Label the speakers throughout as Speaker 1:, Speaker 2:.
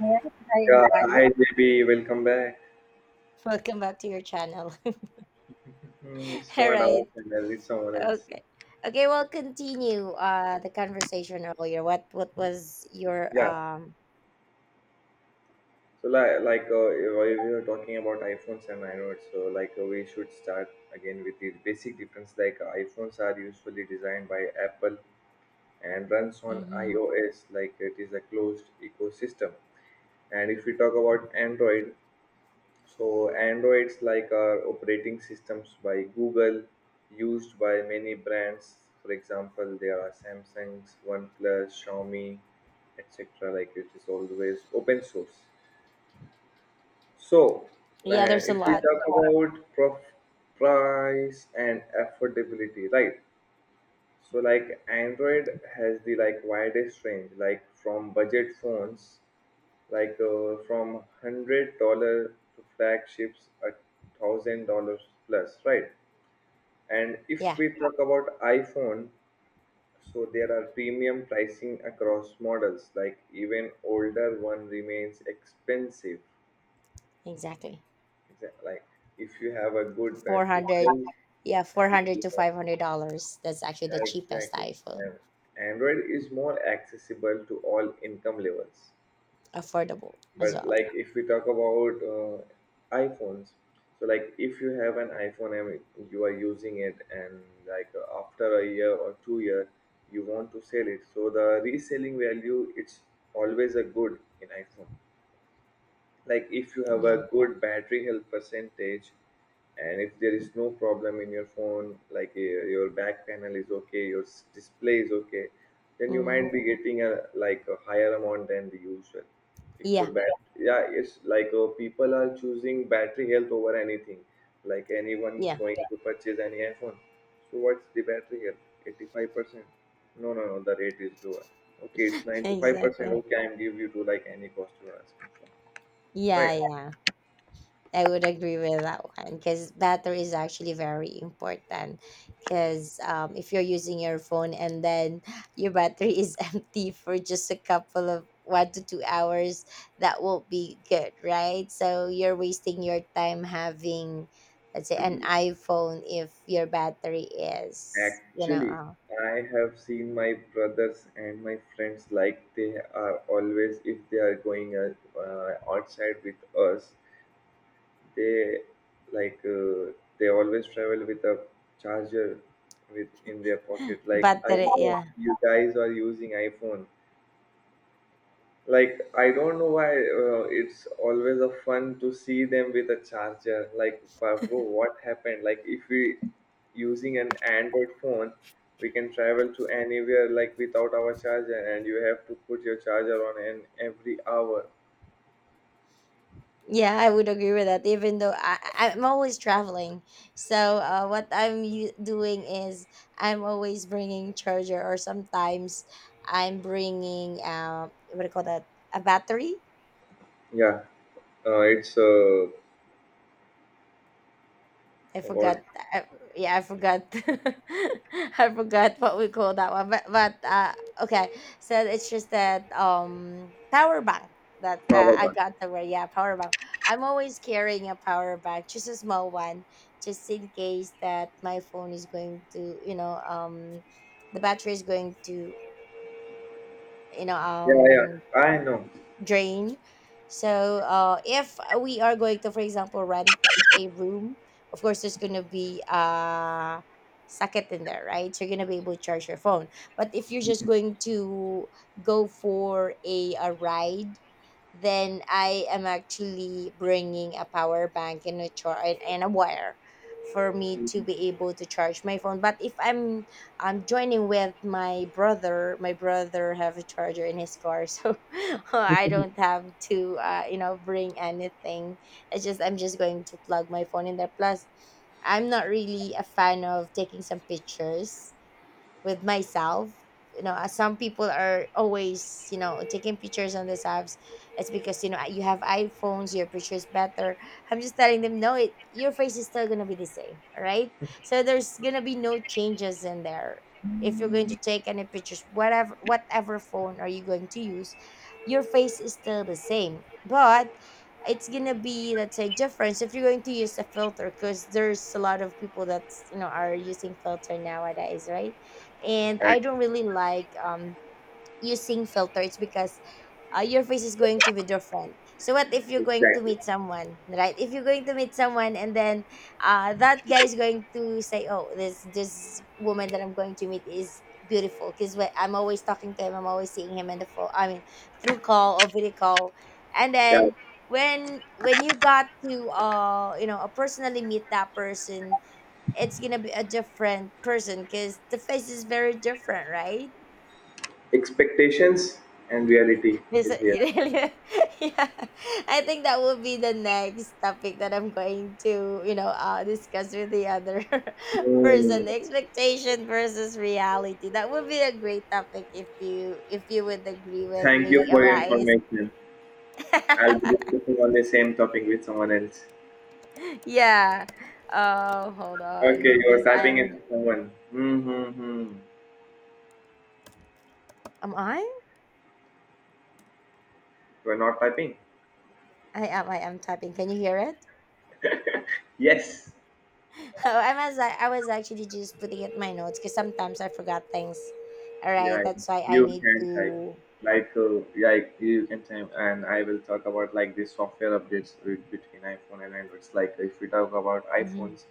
Speaker 1: Alright, hi,
Speaker 2: Yeah, hi
Speaker 1: Hawaii.
Speaker 2: JB, welcome back.
Speaker 1: Welcome back to your channel.
Speaker 2: Hmm, it's
Speaker 1: All
Speaker 2: not our
Speaker 1: right.
Speaker 2: channel, it's someone else.
Speaker 1: Okay. Okay, well continue the conversation earlier. What was your
Speaker 2: Yeah, so like if we were talking about iPhones and iNodes, so we should start again with the basic difference. iPhones are usually designed by Apple and runs on
Speaker 1: mhm.
Speaker 2: iOS, like it is a closed ecosystem. And if we talk about Android, so Androids like are operating systems by Google, used by many brands. For example, there are Samsung's, OnePlus, Xiaomi, etc. Like it is always open source. So
Speaker 1: Yeah,
Speaker 2: and
Speaker 1: there's a
Speaker 2: if we
Speaker 1: lot.
Speaker 2: talk about price and affordability, right? So like Android has the like widest range, like from budget phones from $100 to flagships at $1,000 plus, right? And if
Speaker 1: Yeah,
Speaker 2: we talk about iphone, so there are premium pricing across models, like even older one remains expensive.
Speaker 1: exactly.
Speaker 2: Like, if you have a good battery
Speaker 1: 400,
Speaker 2: health.
Speaker 1: yeah,
Speaker 2: And if
Speaker 1: 400
Speaker 2: you,
Speaker 1: to $500. That's actually the
Speaker 2: yeah,
Speaker 1: cheapest
Speaker 2: exactly, and
Speaker 1: iPhone.
Speaker 2: android is more accessible to all income levels.
Speaker 1: Affordable as
Speaker 2: But
Speaker 1: well.
Speaker 2: like if we talk about iPhones, so like if you have an iPhone and you are using it, and after a year or 2 year, you want to sell it, so the reselling value it's always a good in iPhone, like if you have
Speaker 1: Yeah.
Speaker 2: a good battery health percentage. And if there is no problem in your phone, your back panel is okay, your display is okay, then you
Speaker 1: Mm.
Speaker 2: might be getting a like a higher amount than the usual. If your
Speaker 1: Yeah.
Speaker 2: bat, yeah, it's people are choosing battery health over anything. Like anyone is
Speaker 1: Yeah.
Speaker 2: going to purchase any iphone, so what's the battery health? 85%? No, no, no, the rate is lower. Okay, it's 95%,
Speaker 1: Exactly.
Speaker 2: okay, I'm give you to like any cost you are asking for,
Speaker 1: Yeah,
Speaker 2: right?
Speaker 1: yeah. I would agree with that one because battery is actually very important. Because if you're using your phone and then your battery is empty for just a couple of 1 to 2 hours, that won't be good, right? So you're wasting your time having, let's say, an iPhone if your battery is, you
Speaker 2: Actually,
Speaker 1: know,
Speaker 2: I have seen my brothers and my friends, like they are always, if they are going outside with us, they like uh, they always travel with a charger with in their pocket. Like I
Speaker 1: battery,
Speaker 2: know
Speaker 1: yeah.
Speaker 2: you guys are using iPhone, like I don't know why, it's always a fun to see them with a charger, like but bro, what happened? Like if we using an android phone, we can travel to anywhere like without our charger, and you have to put your charger on and every hour.
Speaker 1: Yeah, I would agree with that. Even though I'm always traveling, so what doing is I'm always bringing charger, or sometimes I'm bringing what do you call that? A battery
Speaker 2: Yeah, it's
Speaker 1: I forgot.
Speaker 2: what?
Speaker 1: I, yeah, I forgot. I forgot what we call that one. But okay. So it's just that power bank that
Speaker 2: Power
Speaker 1: I
Speaker 2: bank.
Speaker 1: got the word. Yeah, power bank. I'm always carrying a power bank, just a small one, just in case that my phone is going to, you know, the battery is going to, you know,
Speaker 2: Yeah, yeah, I know.
Speaker 1: drain. So if we are going to, for example, rent a room, of course there's gonna be a socket in there, right? So you're gonna be able to charge your phone. But if you're just going to go for a ride, then I am actually bringing a power bank and and a wire for me to be able to charge my phone. But if I'm I'm joining with my brother have a charger in his car, so I don't have to, you know, bring anything. It's just I'm just going to plug my phone in there. Plus, I'm not really a fan of taking some pictures with myself, you know, as some people are always, you know, taking pictures on these apps. It's because, you know, you have iphones, your picture is better. I'm just telling them no, it, your face is still gonna be the same, all right, so there's gonna be no changes in there. If you're going to take any pictures, whatever phone are you going to use, your face is still the same. But it's gonna be, let's say, difference if you're going to use a filter, because there's a lot of people that's, you know, are using filter nowadays, right? And I
Speaker 2: Exactly.
Speaker 1: don't really like using filters because your face is going to be different. So what if you're going to
Speaker 2: Exactly.
Speaker 1: meet someone, right? If you're going to meet someone and then that guy is going to say, "Oh, this woman that I'm going to meet is beautiful," because I'm always talking to him, I'm always seeing him in the phone. I mean, through call or video call, and
Speaker 2: Yeah.
Speaker 1: then when you got to personally meet that person, it's gonna be a different person because the face is very different, right?
Speaker 2: Expectations and reality is here.
Speaker 1: Yeah, I think that will be the next topic that I'm going to, you know, discuss with the other
Speaker 2: Hmm.
Speaker 1: person. Expectation versus reality. That would be a great topic if you would agree with
Speaker 2: Thank you
Speaker 1: me,
Speaker 2: for your
Speaker 1: Awais.
Speaker 2: information. I'll be discussing on the same topic with someone else.
Speaker 1: Yeah. Oh, hold
Speaker 2: Okay,
Speaker 1: on,
Speaker 2: you're
Speaker 1: because
Speaker 2: typing it
Speaker 1: I'm
Speaker 2: to someone. Mm-hmm.
Speaker 1: am I?
Speaker 2: You're not typing?
Speaker 1: I am typing. Can you hear it?
Speaker 2: Yes.
Speaker 1: I was actually just putting it in my notes because sometimes I forgot things. All right,
Speaker 2: Yeah,
Speaker 1: that's why I
Speaker 2: you
Speaker 1: need
Speaker 2: can type.
Speaker 1: to.
Speaker 2: Like you can type, and I will talk about like the software updates with, between iPhone and Android. Like, if we talk about
Speaker 1: Mhm.
Speaker 2: iPhones,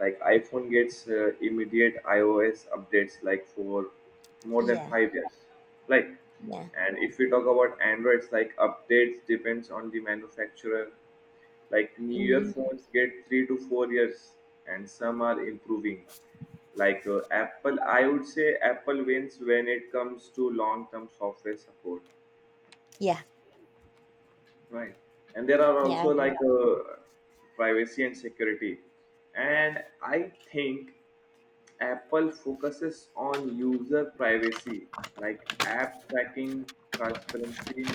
Speaker 2: like iPhone gets immediate iOS updates like for more than
Speaker 1: Yeah,
Speaker 2: 5 years. Like,
Speaker 1: yeah,
Speaker 2: and if we talk about Androids, like updates depends on the manufacturer, like newer
Speaker 1: hmm,
Speaker 2: phones get 3 to 4 years and some are improving. Apple, I would say apple wins when it comes to long term software support,
Speaker 1: yeah,
Speaker 2: right? And there are
Speaker 1: yeah. I
Speaker 2: also
Speaker 1: agree.
Speaker 2: privacy and security, and I think apple focuses on user privacy, like app tracking transparency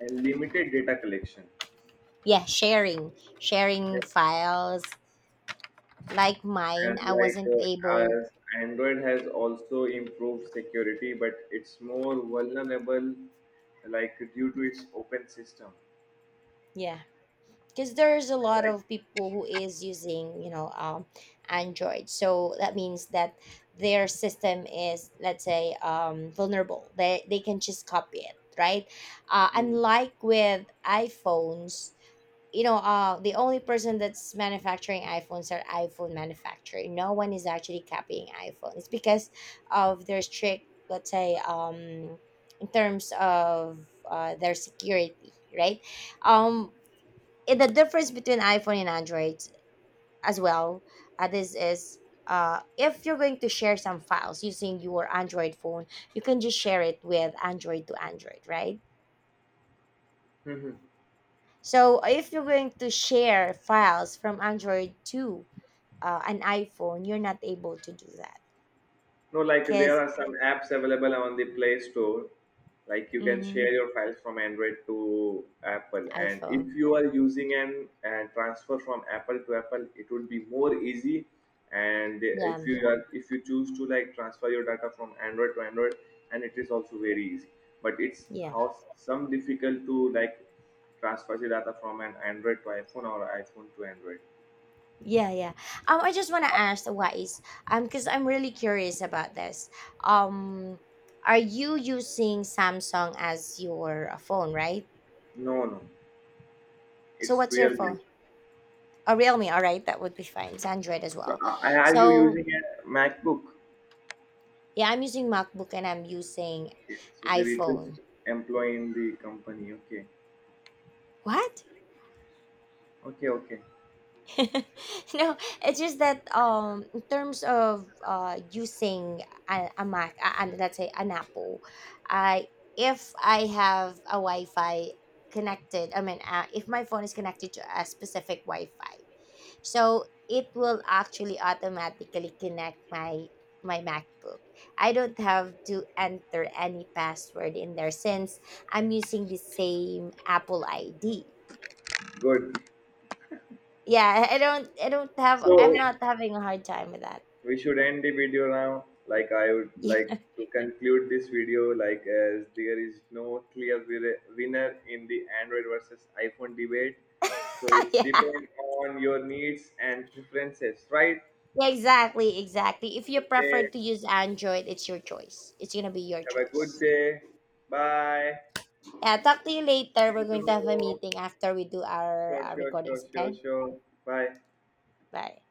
Speaker 2: and limited data collection.
Speaker 1: Yeah, sharing, sharing files like mine.
Speaker 2: And
Speaker 1: I wasn't able.
Speaker 2: as android has also improved security but it's more vulnerable, like due to its open system.
Speaker 1: Yeah. Because there's a lot
Speaker 2: Like.
Speaker 1: of people who is using, you know, android, so that means that their system is, let's say, vulnerable. They can just copy it, right?
Speaker 2: Mhm.
Speaker 1: Unlike with iphones, you know, the only person that's manufacturing iphones are iphone manufacturer. No one is actually copying iphone. It's because of their strict, let's say, in terms of their security, right? um in the difference between iPhone and Android as well, this is if you're going to share some files using your Android phone, you can just share it with Android to Android, right?
Speaker 2: Mhm.
Speaker 1: So if you're going to share files from Android to an iPhone, you're not able to do that
Speaker 2: No, like there
Speaker 1: because
Speaker 2: are some apps available on the Play Store. Like you can
Speaker 1: iPhone.
Speaker 2: share your files from Android to Apple, and if you are using an transfer from Apple to Apple, it would be more easy. And
Speaker 1: Yeah,
Speaker 2: if you choose to like transfer your data from Android to Android, and it is also very easy. But it's
Speaker 1: yeah.
Speaker 2: how some difficult to like transfer the data from an Android to iPhone or iPhone to Android.
Speaker 1: Yeah, yeah. I just want to ask Wise, because I'm really curious about this. Um, are you using Samsung as your phone, right?
Speaker 2: No, no,
Speaker 1: So
Speaker 2: it's
Speaker 1: what's your
Speaker 2: real. New.
Speaker 1: phone? Oh, Realme. All right, that would be fine. It's Android as
Speaker 2: So
Speaker 1: well.
Speaker 2: are you
Speaker 1: So
Speaker 2: using a MacBook?
Speaker 1: yeah, I'm using MacBook and I'm using
Speaker 2: Okay, so there is
Speaker 1: iPhone.
Speaker 2: just employee in the company. Okay,
Speaker 1: What?
Speaker 2: okay, okay,
Speaker 1: No, it's just that in terms of using a Mac and, let's say, an Apple, I if I have a Wi-Fi connected, I mean if my phone is connected to a specific Wi-Fi, so it will actually automatically connect my MacBook. I don't have to enter any password in there since I'm using the same Apple ID.
Speaker 2: good.
Speaker 1: Yeah, I don't have,
Speaker 2: So
Speaker 1: I'm not having a hard time with that.
Speaker 2: we should end the video now. Like I would like to conclude this video. Like as there is no clear winner in the Android versus iPhone debate. So it's
Speaker 1: Yeah, yeah.
Speaker 2: depend on your needs and preferences, right?
Speaker 1: Yeah, exactly, exactly. If you prefer
Speaker 2: Okay.
Speaker 1: to use Android, it's your choice. It's gonna be your
Speaker 2: Have a good
Speaker 1: choice.
Speaker 2: day. Bye.
Speaker 1: Yeah, talk to you later.
Speaker 2: See
Speaker 1: We're
Speaker 2: you
Speaker 1: going to have a
Speaker 2: tomorrow.
Speaker 1: meeting after we do
Speaker 2: Sure,
Speaker 1: our
Speaker 2: sure, sure,
Speaker 1: recordings,
Speaker 2: sure,
Speaker 1: okay?
Speaker 2: sure. Bye.
Speaker 1: Bye.